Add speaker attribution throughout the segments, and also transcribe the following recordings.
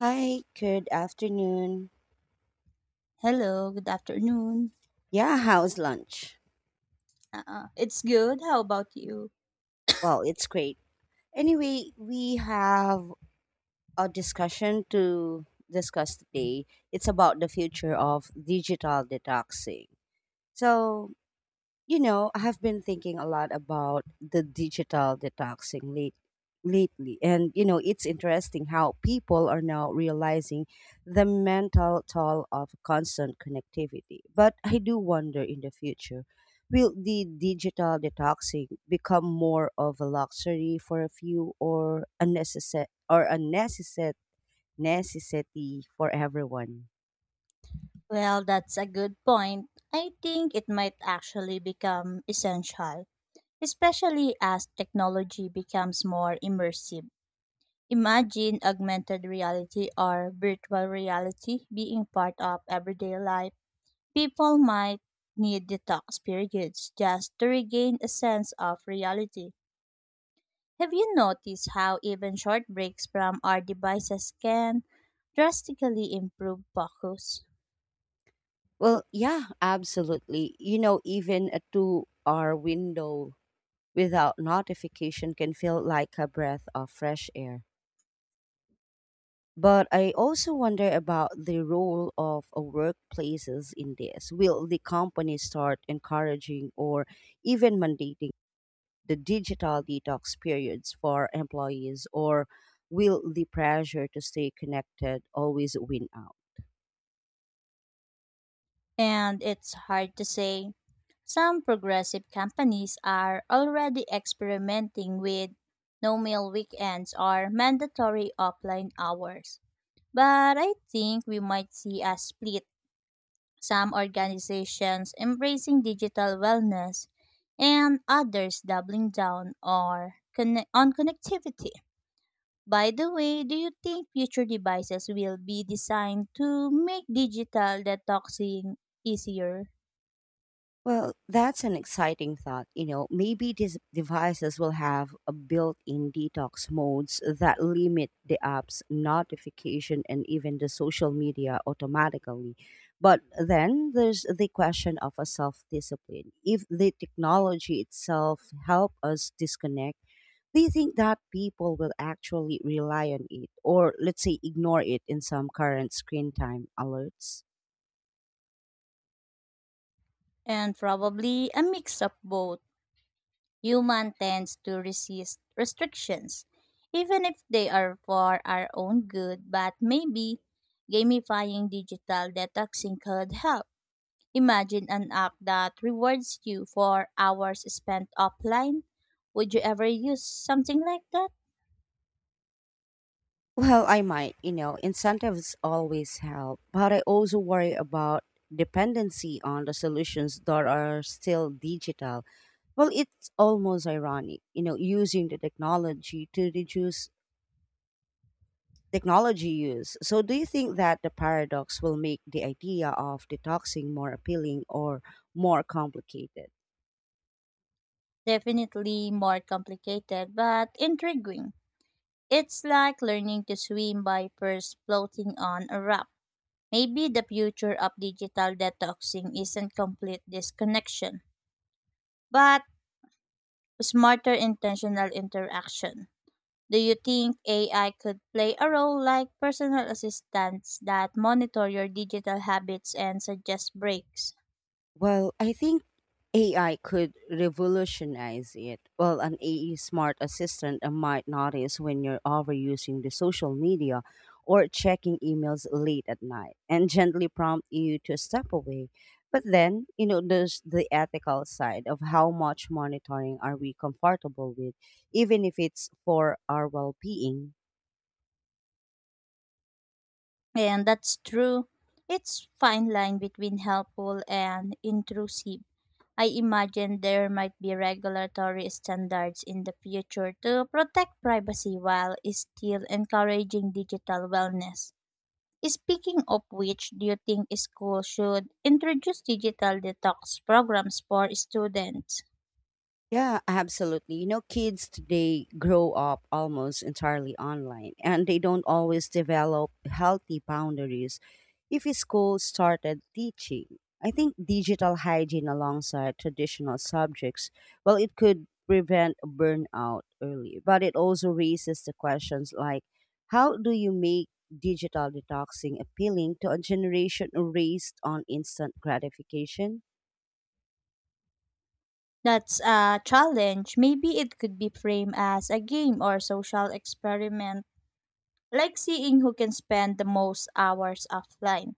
Speaker 1: Hi, good afternoon.
Speaker 2: Hello, good afternoon.
Speaker 1: Yeah, how's lunch?
Speaker 2: It's good. How about you?
Speaker 1: Well, it's great. Anyway, we have a discussion to discuss today. It's about the future of digital detoxing. So, I have been thinking a lot about the digital lately. And, you know, it's interesting how people are now realizing the mental toll of constant connectivity. But I do wonder, in the future will the digital detoxing become more of a luxury for a few or a necessity for everyone?
Speaker 2: Well, that's a good point. I think it might actually become essential, especially as technology becomes more immersive. Imagine augmented reality or virtual reality being part of everyday life. People might need detox periods just to regain a sense of reality. Have you noticed how even short breaks from our devices can drastically improve focus?
Speaker 1: Well, yeah, absolutely. You know, even a 2 hour window without notification can feel like a breath of fresh air. But I also wonder about the role of workplaces in this. Will the company start encouraging or even mandating the digital detox periods for employees, or will the pressure to stay connected always win out?
Speaker 2: And it's hard to say. Some progressive companies are already experimenting with no meal weekends or mandatory offline hours. But I think we might see a split, some organizations embracing digital wellness, and others doubling down or on connectivity. By the way, do you think future devices will be designed to make digital detoxing easier?
Speaker 1: Well, that's an exciting thought. You know, maybe these devices will have a built-in detox modes that limit the app's notification and even the social media automatically. But then there's the question of a self-discipline. If the technology itself help us disconnect, do you think that people will actually rely on it or let's say ignore it in some current screen time alerts?
Speaker 2: And probably a mix of both. Human tends to resist restrictions, even if they are for our own good, but maybe gamifying digital detoxing could help. Imagine an app that rewards you for hours spent offline. Would you ever use something like that?
Speaker 1: Well, I might, you know, incentives always help, but I also worry about dependency on the solutions that are still digital. Well, it's almost ironic, you know, using the technology to reduce technology use. So, do you think that the paradox will make the idea of detoxing more appealing or more complicated?
Speaker 2: Definitely more complicated, but intriguing. It's like learning to swim by first floating on a rock. Maybe the future of digital detoxing isn't complete disconnection, but smarter intentional interaction. Do you think AI could play a role, like personal assistants that monitor your digital habits and suggest breaks?
Speaker 1: Well, I think AI could revolutionize it. Well, an AE smart assistant might notice when you're overusing the social media or checking emails late at night and gently prompt you to step away. But then, you know, there's the ethical side of how much monitoring are we comfortable with, even if it's for our well being.
Speaker 2: And that's true. It's fine line between helpful and intrusive. I imagine there might be regulatory standards in the future to protect privacy while still encouraging digital wellness. Speaking of which, do you think schools should introduce digital detox programs for students?
Speaker 1: Yeah, absolutely. You know, kids today grow up almost entirely online and they don't always develop healthy boundaries if a school started teaching. I think digital hygiene alongside traditional subjects, well, it could prevent burnout early, but it also raises the questions like how do you make digital detoxing appealing to a generation raised on instant gratification?
Speaker 2: That's a challenge. Maybe it could be framed as a game or social experiment, like seeing who can spend the most hours offline.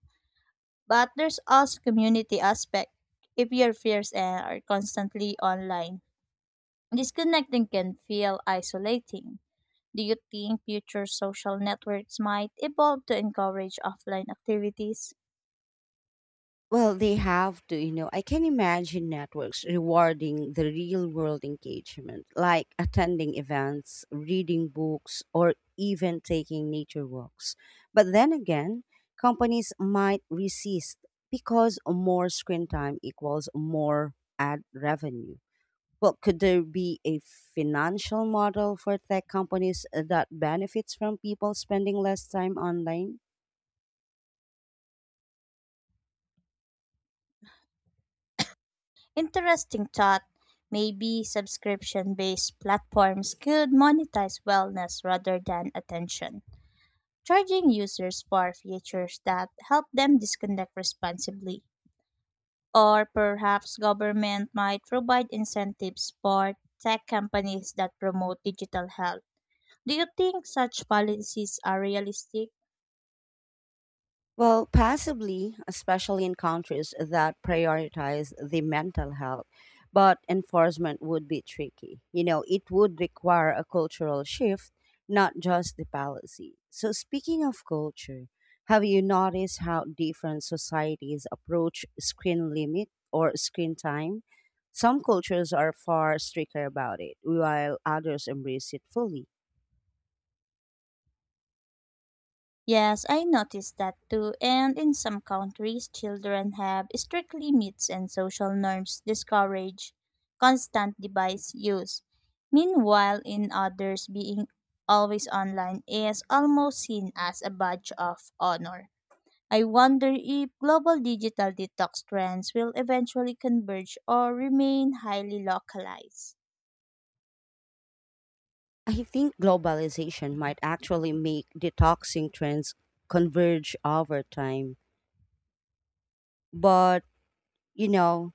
Speaker 2: But there's also community aspect. If your peers and are constantly online, disconnecting can feel isolating. Do you think future social networks might evolve to encourage offline activities?
Speaker 1: Well, they have to, you know. I can imagine networks rewarding the real world engagement, like attending events, reading books, or even taking nature walks. But then again, companies might resist because more screen time equals more ad revenue. Well, could there be a financial model for tech companies that benefits from people spending less time online?
Speaker 2: Interesting thought. Maybe subscription based platforms could monetize wellness rather than attention, charging users for features that help them disconnect responsibly. Or perhaps government might provide incentives for tech companies that promote digital health. Do you think such policies are realistic?
Speaker 1: Well, possibly, especially in countries that prioritize the mental health, but enforcement would be tricky. You know, it would require a cultural shift, not just the policy. So, speaking of culture, have you noticed how different societies approach screen limit or screen time? Some cultures are far stricter about it, while others embrace it fully.
Speaker 2: Yes, I noticed that too. And in some countries, children have strict limits and social norms discourage constant device use. Meanwhile, in others, being always online is almost seen as a badge of honor. I wonder if global digital detox trends will eventually converge or remain highly localized.
Speaker 1: I think globalization might actually make detoxing trends converge over time. But, you know,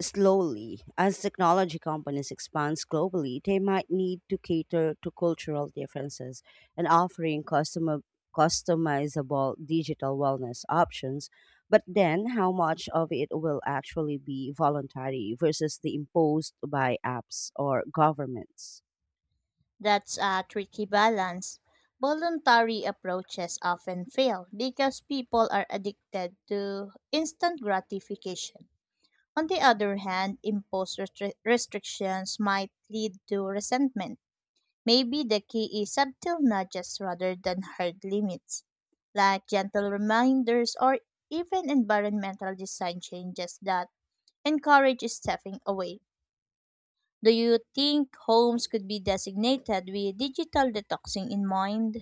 Speaker 1: slowly, as technology companies expand globally, they might need to cater to cultural differences and offering customer customizable digital wellness options. But then how much of it will actually be voluntary versus the imposed by apps or governments?
Speaker 2: That's a tricky balance. Voluntary approaches often fail because people are addicted to instant gratification. On the other hand, imposed restrictions might lead to resentment. Maybe the key is subtle nudges rather than hard limits, like gentle reminders or even environmental design changes that encourage stepping away. Do you think homes could be designated with digital detoxing in mind?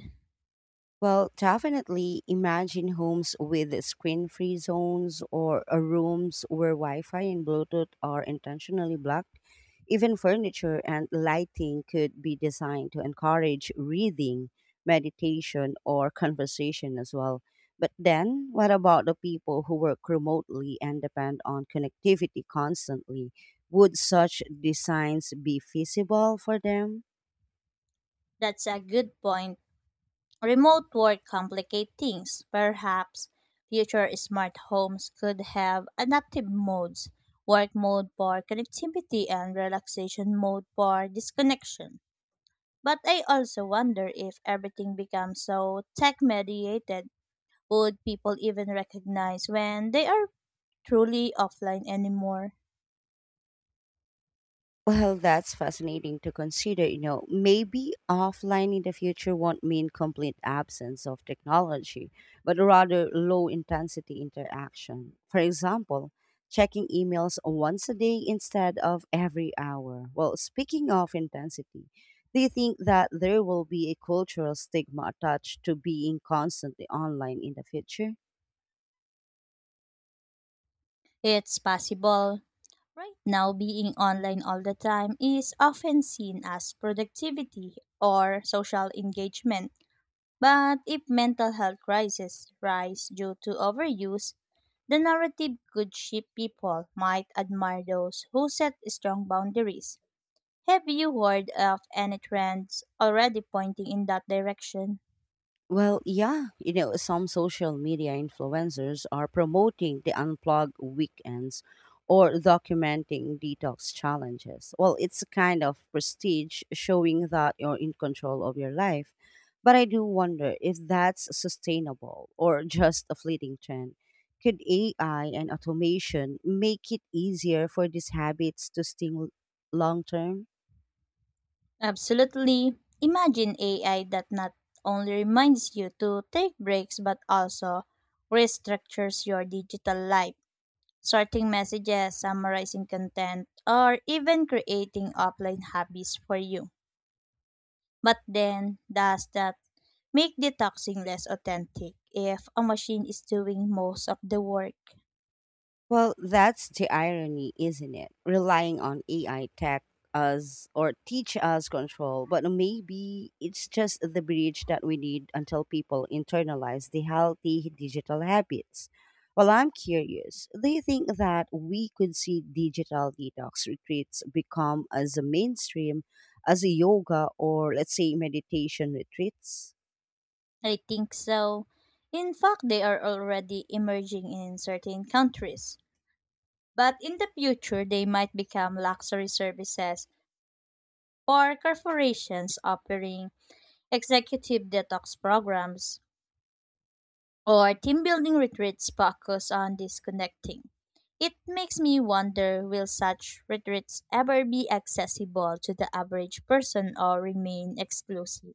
Speaker 1: Well, definitely imagine homes with screen free zones or rooms where Wi Fi and Bluetooth are intentionally blocked. Even furniture and lighting could be designed to encourage reading, meditation, or conversation as well. But then, what about the people who work remotely and depend on connectivity constantly? Would such designs be feasible for them?
Speaker 2: That's a good point. Remote work complicates things. Perhaps future smart homes could have adaptive modes, work mode for connectivity and relaxation mode for disconnection. But I also wonder if everything becomes so tech mediated, would people even recognize when they are truly offline anymore?
Speaker 1: Well, that's fascinating to consider. You know, maybe offline in the future won't mean complete absence of technology, but rather low intensity interaction. For example, checking emails once a day instead of every hour. Well, speaking of intensity, do you think that there will be a cultural stigma attached to being constantly online in the future?
Speaker 2: It's possible. Right now, being online all the time is often seen as productivity or social engagement. But if mental health crises rise due to overuse, the narrative could shift, people might admire those who set strong boundaries. Have you heard of any trends already pointing in that direction?
Speaker 1: Well, yeah, you know, some social media influencers are promoting the unplug weekends or documenting detox challenges. Well, it's a kind of prestige showing that you're in control of your life. But I do wonder if that's sustainable or just a fleeting trend. Could AI and automation make it easier for these habits to stay long term?
Speaker 2: Absolutely. Imagine AI that not only reminds you to take breaks but also restructures your digital life, sorting messages, summarizing content, or even creating offline hobbies for you. But then, does that make detoxing less authentic if a machine is doing most of the work?
Speaker 1: Well, that's the irony, isn't it? Relying on AI tech us or teach us control, but maybe it's just the bridge that we need until people internalize the healthy digital habits. Well, I'm curious. Do you think that we could see digital detox retreats become as a mainstream as a yoga or let's say meditation retreats?
Speaker 2: I think so. In fact, they are already emerging in certain countries. But in the future, they might become luxury services or corporations offering executive detox programs or team building retreats focused on disconnecting. It makes me wonder, will such retreats ever be accessible to the average person or remain exclusive?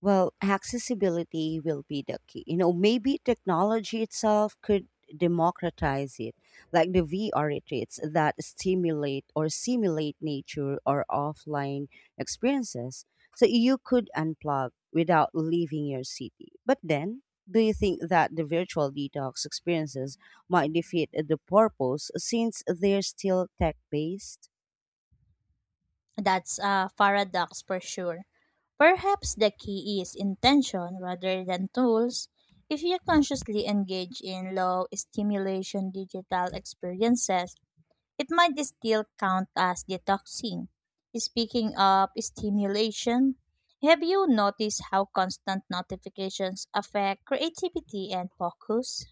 Speaker 1: Well, accessibility will be the key. You know, maybe technology itself could democratize it, like the VR retreats that stimulate or simulate nature or offline experiences. So you could unplug without leaving your city. But then, do you think that the virtual detox experiences might defeat the purpose since they're still tech based?
Speaker 2: That's a paradox for sure. Perhaps the key is intention rather than tools. If you consciously engage in low stimulation digital experiences, it might still count as detoxing. Speaking of stimulation, have you noticed how constant notifications affect creativity and focus?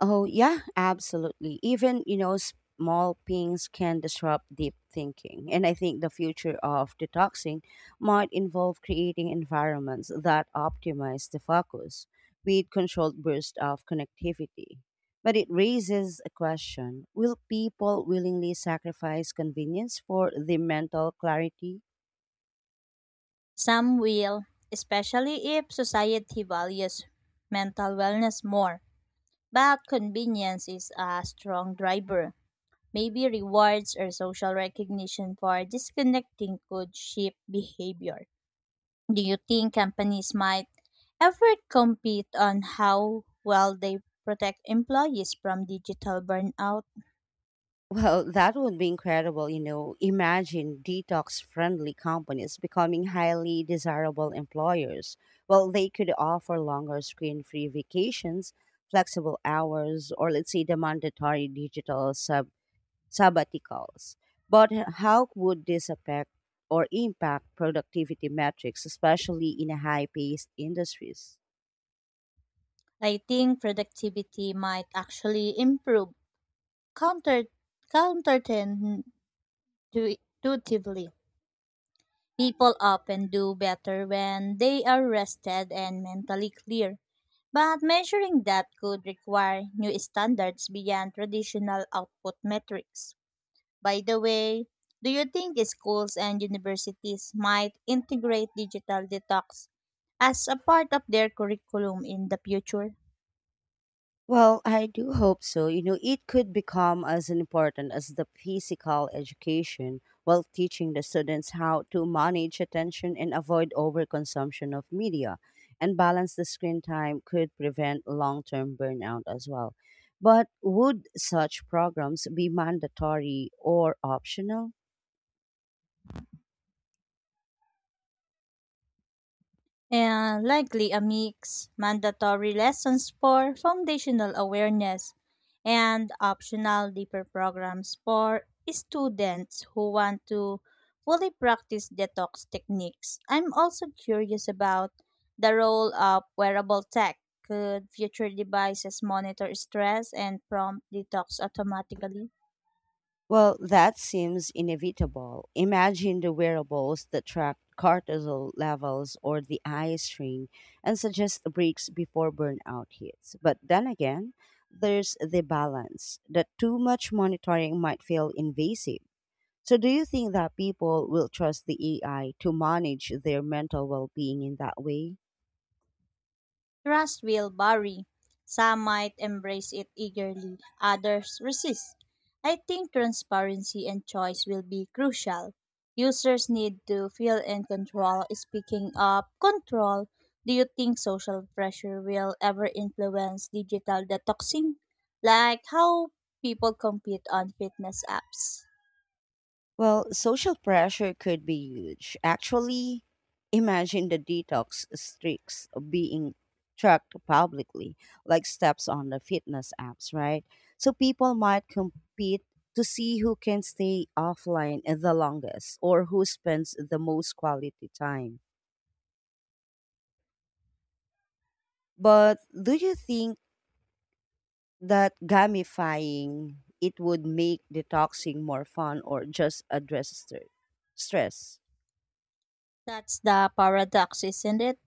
Speaker 1: Oh, yeah, absolutely. Even, you know, small pings can disrupt deep thinking. And I think the future of detoxing might involve creating environments that optimize the focus with controlled bursts of connectivity. But it raises a question, will people willingly sacrifice convenience for the mental clarity?
Speaker 2: Some will, especially if society values mental wellness more. But convenience is a strong driver. Maybe rewards or social recognition for disconnecting could shape behavior. Do you think companies might ever compete on how well they protect employees from digital burnout?
Speaker 1: Well, that would be incredible. You know, imagine detox friendly companies becoming highly desirable employers. Well, they could offer longer screen free vacations, flexible hours, or let's say the mandatory sabbaticals. But how would this affect or impact productivity metrics, especially in high paced industries?
Speaker 2: I think productivity might actually improve counter counterten- tu- intuitively. People often do better when they are rested and mentally clear, but measuring that could require new standards beyond traditional output metrics. By the way, do you think schools and universities might integrate digital detox as a part of their curriculum in the future?
Speaker 1: Well, I do hope so. You know, it could become as important as the physical education while teaching the students how to manage attention and avoid overconsumption of media and balance the screen time could prevent long-term burnout as well. But would such programs be mandatory or optional?
Speaker 2: And likely a mix, mandatory lessons for foundational awareness and optional deeper programs for students who want to fully practice detox techniques. I'm also curious about the role of wearable tech. Could future devices monitor stress and prompt detox automatically?
Speaker 1: Well, that seems inevitable. Imagine the wearables that track cortisol levels or the eye strain and suggest breaks before burnout hits. But then again, there's the balance that too much monitoring might feel invasive. So, do you think that people will trust the AI to manage their mental well being in that way?
Speaker 2: Trust will vary. Some might embrace it eagerly, others resist. I think transparency and choice will be crucial. Users need to feel in control. Speaking of control, do you think social pressure will ever influence digital detoxing? Like how people compete on fitness apps?
Speaker 1: Well, social pressure could be huge. Actually, imagine the detox streaks being tracked publicly, like steps on the fitness apps, right? So people might compete to see who can stay offline the longest or who spends the most quality time. But do you think that gamifying it would make detoxing more fun or just stress?
Speaker 2: That's the paradox, isn't it?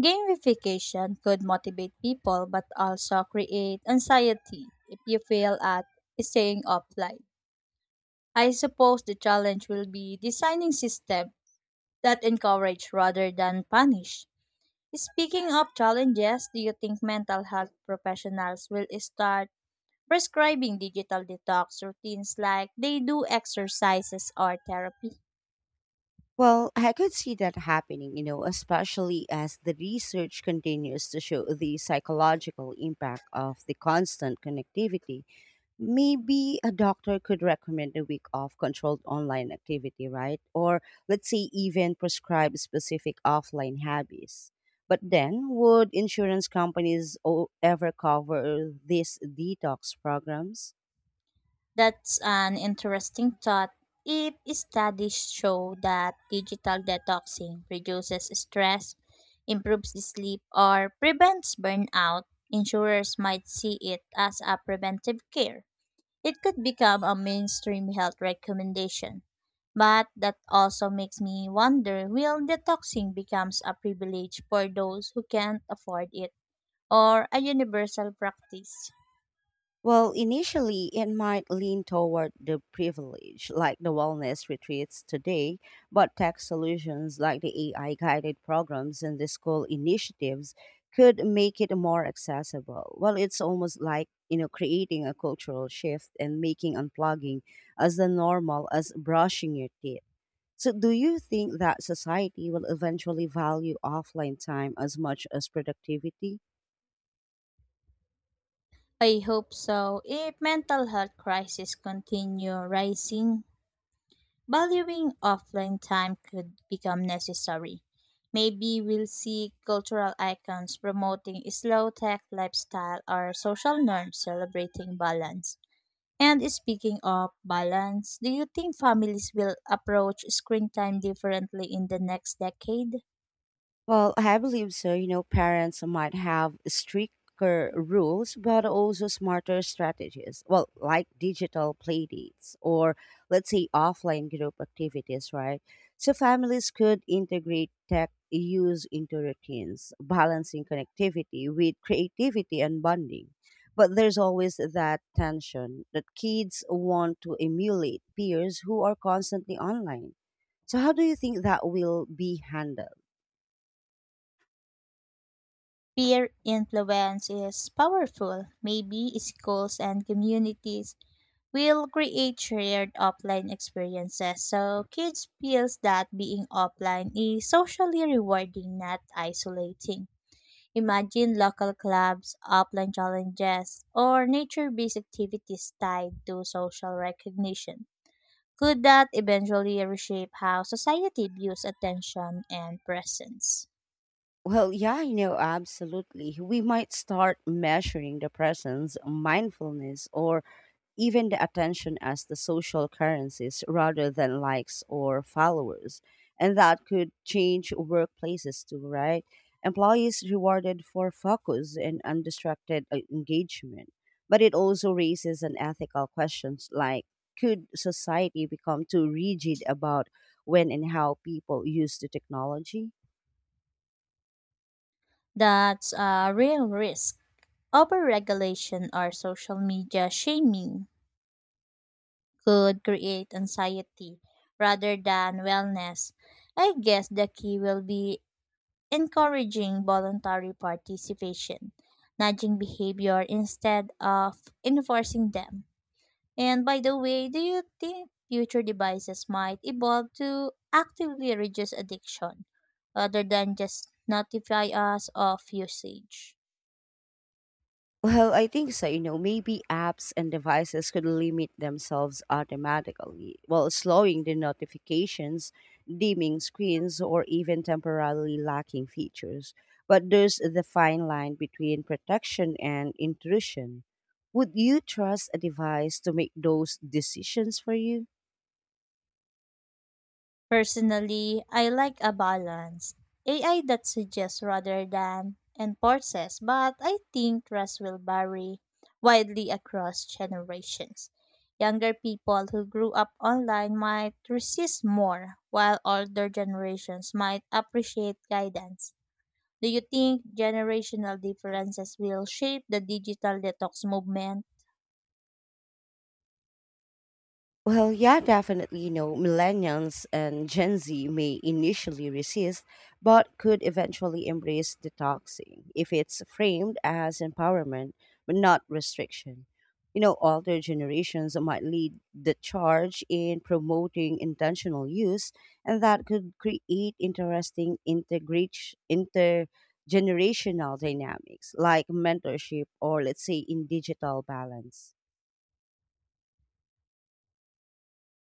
Speaker 2: Gamification could motivate people but also create anxiety if you fail at staying offline. I suppose the challenge will be designing systems that encourage rather than punish. Speaking of challenges, do you think mental health professionals will start prescribing digital detox routines like they do exercises or therapy?
Speaker 1: Well, I could see that happening, you know, especially as the research continues to show the psychological impact of the constant connectivity. Maybe a doctor could recommend a week of controlled online activity, right? Or let's say even prescribe specific offline hobbies. But then, would ever cover these detox programs?
Speaker 2: That's an interesting thought. If studies show that digital detoxing reduces stress, improves the sleep, or prevents burnout, insurers might see it as a preventive care. It could become a mainstream health recommendation. But that also makes me wonder, will detoxing becomes a privilege for those who can't afford it or a universal practice?
Speaker 1: Well, initially, it might lean toward the privilege, like the wellness retreats today, but tech solutions like the AI guided programs and the school initiatives could make it more accessible. Well, it's almost like, you know, creating a cultural shift and making unplugging as the normal as brushing your teeth. So, do you think that society will eventually value offline time as much as productivity?
Speaker 2: I hope so. If mental health crises continue rising, valuing offline time could become necessary. Maybe we'll see cultural icons promoting slow tech lifestyle or social norms celebrating balance. And speaking of balance, do you think families will approach screen time differently in the next decade?
Speaker 1: Well, I believe so. You know, parents might have stricter rules, but also smarter strategies. Well, like digital playdates or let's say offline group activities, right? So families could integrate tech use into routines, balancing connectivity with creativity and bonding. But there's always that tension that kids want to emulate peers who are constantly online. So, how do you think that will be handled?
Speaker 2: Peer influence is powerful. Maybe schools and communities will create shared offline experiences so kids feels that being offline is socially rewarding, not isolating. Imagine local clubs, offline challenges, or nature-based activities tied to social recognition. Could that eventually reshape how society views attention and presence?
Speaker 1: Well, yeah, you know, absolutely. We might start measuring the presence, mindfulness, or even the attention as the social currencies rather than likes or followers. And that could change workplaces too, right? Employees rewarded for focus and undistracted engagement. But it also raises an ethical questions like could society become too rigid about when and how people use the technology?
Speaker 2: That's a real risk. Overregulation or social media shaming could create anxiety rather than wellness. I guess the key will be encouraging voluntary participation, nudging behavior instead of enforcing them. And by the way, do you think future devices might evolve to actively reduce addiction rather than just notify us of usage?
Speaker 1: Well, I think so. You know, maybe apps and devices could limit themselves automatically, while slowing the notifications, dimming screens, or even temporarily lacking features. But there's the fine line between protection and intrusion. Would you trust a device to make those decisions for you?
Speaker 2: Personally, I like a balance. AI that suggests rather than enforces, but I think trust will vary widely across generations. Younger people who grew up online might resist more, while older generations might appreciate guidance. Do you think generational differences will shape the digital detox movement?
Speaker 1: Well, yeah, definitely. You know, millennials and Gen Z may initially resist, but could eventually embrace detoxing if it's framed as empowerment, but not restriction. You know, older generations might lead the charge in promoting intentional use, and that could create interesting intergenerational dynamics like mentorship or, let's say, in digital balance.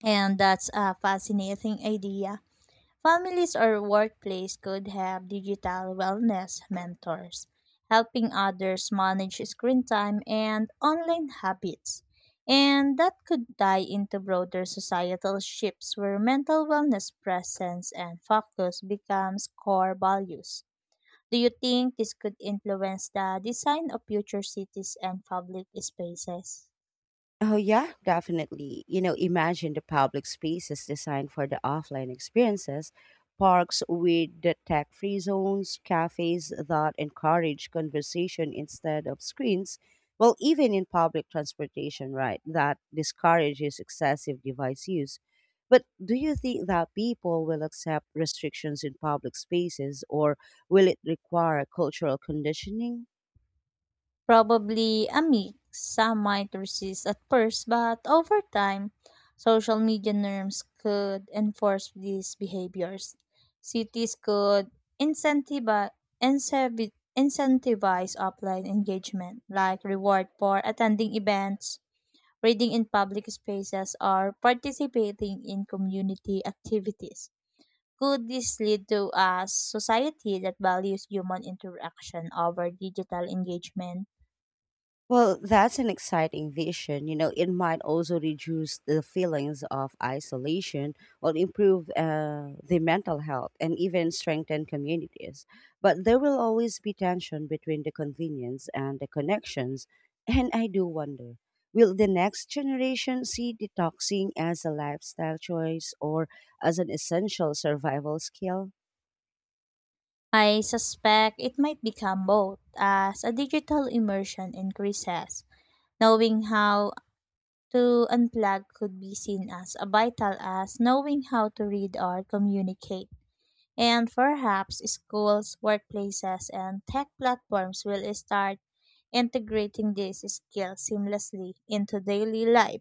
Speaker 2: And that's a fascinating idea. Families or workplace could have digital wellness mentors, helping others manage screen time and online habits. And that could tie into broader societal shifts where mental wellness presence and focus becomes core values. Do you think this could influence the design of future cities and public spaces?
Speaker 1: Oh, yeah, definitely. You know, imagine the public spaces designed for the offline experiences, parks with the tech free zones, cafes that encourage conversation instead of screens. Well, even in public transportation, right, that discourages excessive device use. But do you think that people will accept restrictions in public spaces or will it require cultural conditioning?
Speaker 2: Probably a mix. Some might resist at first, but over time, social media norms could enforce these behaviors. Cities could incentivi- incentiv- incentivize offline engagement, like reward for attending events, reading in public spaces, or participating in community activities. Could this lead to a society that values human interaction over digital engagement?
Speaker 1: Well, that's an exciting vision. You know, it might also reduce the feelings of isolation or improve the mental health and even strengthen communities. But there will always be tension between the convenience and the connections. And I do wonder, will the next generation see detoxing as a lifestyle choice or as an essential survival skill?
Speaker 2: I suspect it might become both as a digital immersion increases. Knowing how to unplug could be seen as a vital as knowing how to read or communicate. And perhaps schools, workplaces, and tech platforms will start integrating these skills seamlessly into daily life.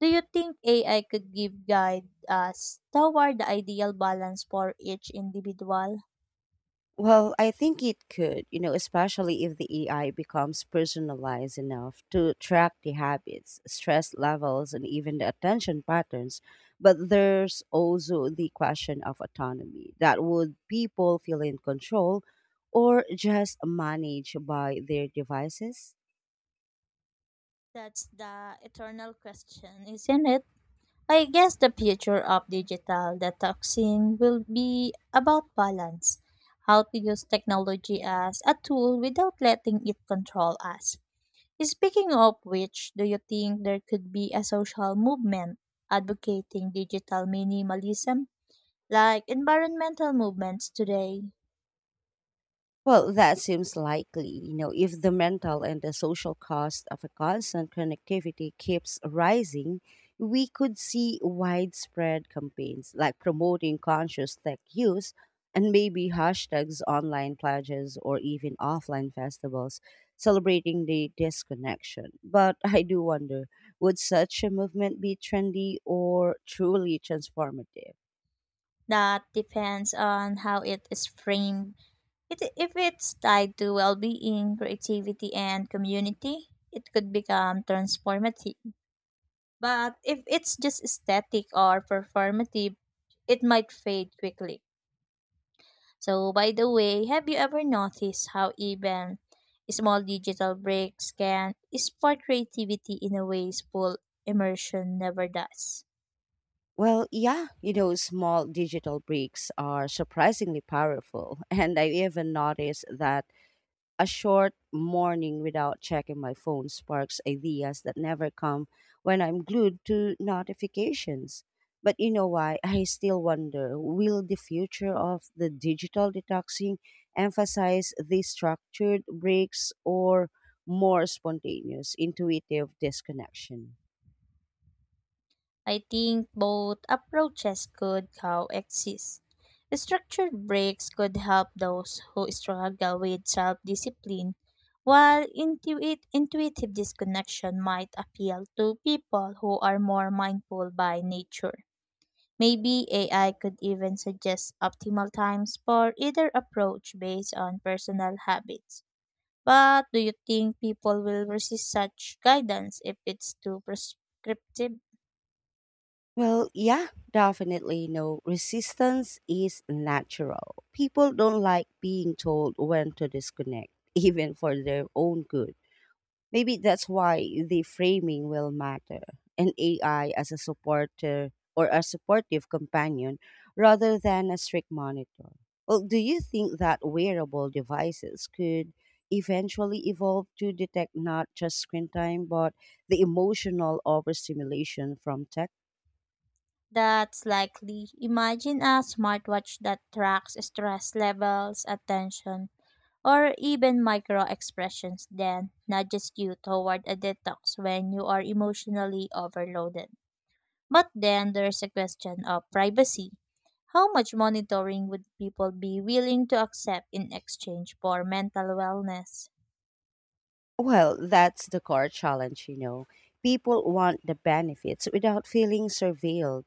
Speaker 2: Do you think AI could give guide us toward the ideal balance for each individual?
Speaker 1: Well, I think it could, you know, especially if the AI becomes personalized enough to track the habits, stress levels, and even the attention patterns. But there's also the question of autonomy that would people feel in control or just managed by their devices?
Speaker 2: That's the eternal question, isn't it? I guess the future of digital detoxing will be about balance, how to use technology as a tool without letting it control us. Speaking of which, do you think there could be a social movement advocating digital minimalism, like environmental movements today?
Speaker 1: Well, that seems likely, you know, if the mental and the social cost of a constant connectivity keeps rising, we could see widespread campaigns like promoting conscious tech use and maybe hashtags, online pledges, or even offline festivals celebrating the disconnection. But I do wonder, would such a movement be trendy or truly transformative?
Speaker 2: That depends on how it is framed. It, if it's tied to well being, creativity, and community, it could become transformative. But if it's just aesthetic or performative, it might fade quickly. So, by the way, have you ever noticed how even small digital breaks can spark creativity in a ways full immersion never does?
Speaker 1: Well, yeah, you know, small digital breaks are surprisingly powerful. And I even noticed that a short morning without checking my phone sparks ideas that never come when I'm glued to notifications. But you know why? I still wonder, will the future of the digital detoxing emphasize these structured breaks or more spontaneous, intuitive disconnection?
Speaker 2: I think both approaches could coexist. Structured breaks could help those who struggle with self discipline, while intuitive disconnection might appeal to people who are more mindful by nature. Maybe AI could even suggest optimal times for either approach based on personal habits. But do you think people will resist such guidance if it's too prescriptive?
Speaker 1: Well, yeah, definitely. No, resistance is natural. People don't like being told when to disconnect, even for their own good. Maybe that's why the framing will matter. An AI as a supporter or a supportive companion rather than a strict monitor. Well, do you think that wearable devices could eventually evolve to detect not just screen time, but the emotional overstimulation from tech?
Speaker 2: That's likely. Imagine a smartwatch that tracks stress levels, attention, or even micro expressions, then nudges you toward a detox when you are emotionally overloaded. But then there's a question of privacy. How much monitoring would people be willing to accept in exchange for mental wellness?
Speaker 1: Well, that's the core challenge, you know. People want the benefits without feeling surveilled.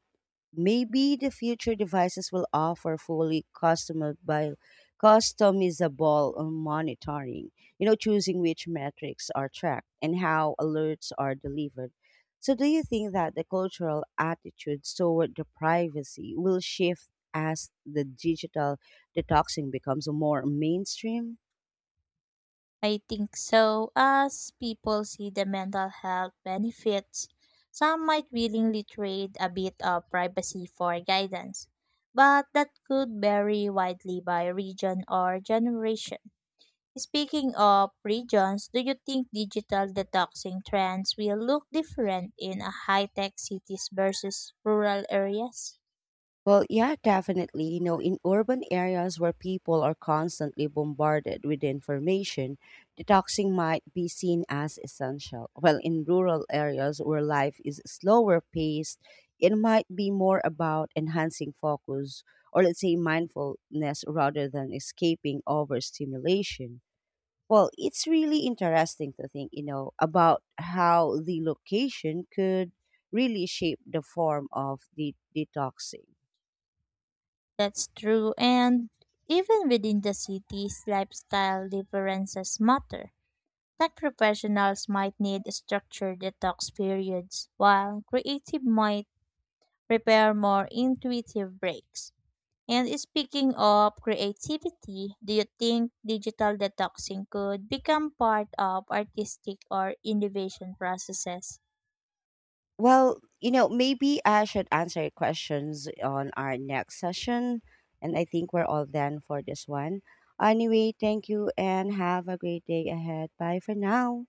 Speaker 1: Maybe the future devices will offer customizable monitoring, you know, choosing which metrics are tracked and how alerts are delivered. So, do you think that the cultural attitudes toward the privacy will shift as the digital detoxing becomes more mainstream?
Speaker 2: I think so. As people see the mental health benefits, some might willingly trade a bit of privacy for guidance, but that could vary widely by region or generation. Speaking of regions, do you think digital detoxing trends will look different in a high-tech cities versus rural areas?
Speaker 1: Well, yeah, definitely. You know, in urban areas where people are constantly bombarded with information, detoxing might be seen as essential. While in rural areas where life is slower paced, it might be more about enhancing focus or, let's say, mindfulness rather than escaping overstimulation. Well, it's really interesting to think, you know, about how the location could really shape the form of the detoxing.
Speaker 2: That's true, and even within the cities, lifestyle differences matter. Tech professionals might need structured detox periods, while creative might prepare more intuitive breaks. And speaking of creativity, do you think digital detoxing could become part of artistic or innovation processes?
Speaker 1: Well, you know, maybe I should answer your questions on our next session. And I think we're all done for this one. Anyway, thank you and have a great day ahead. Bye for now.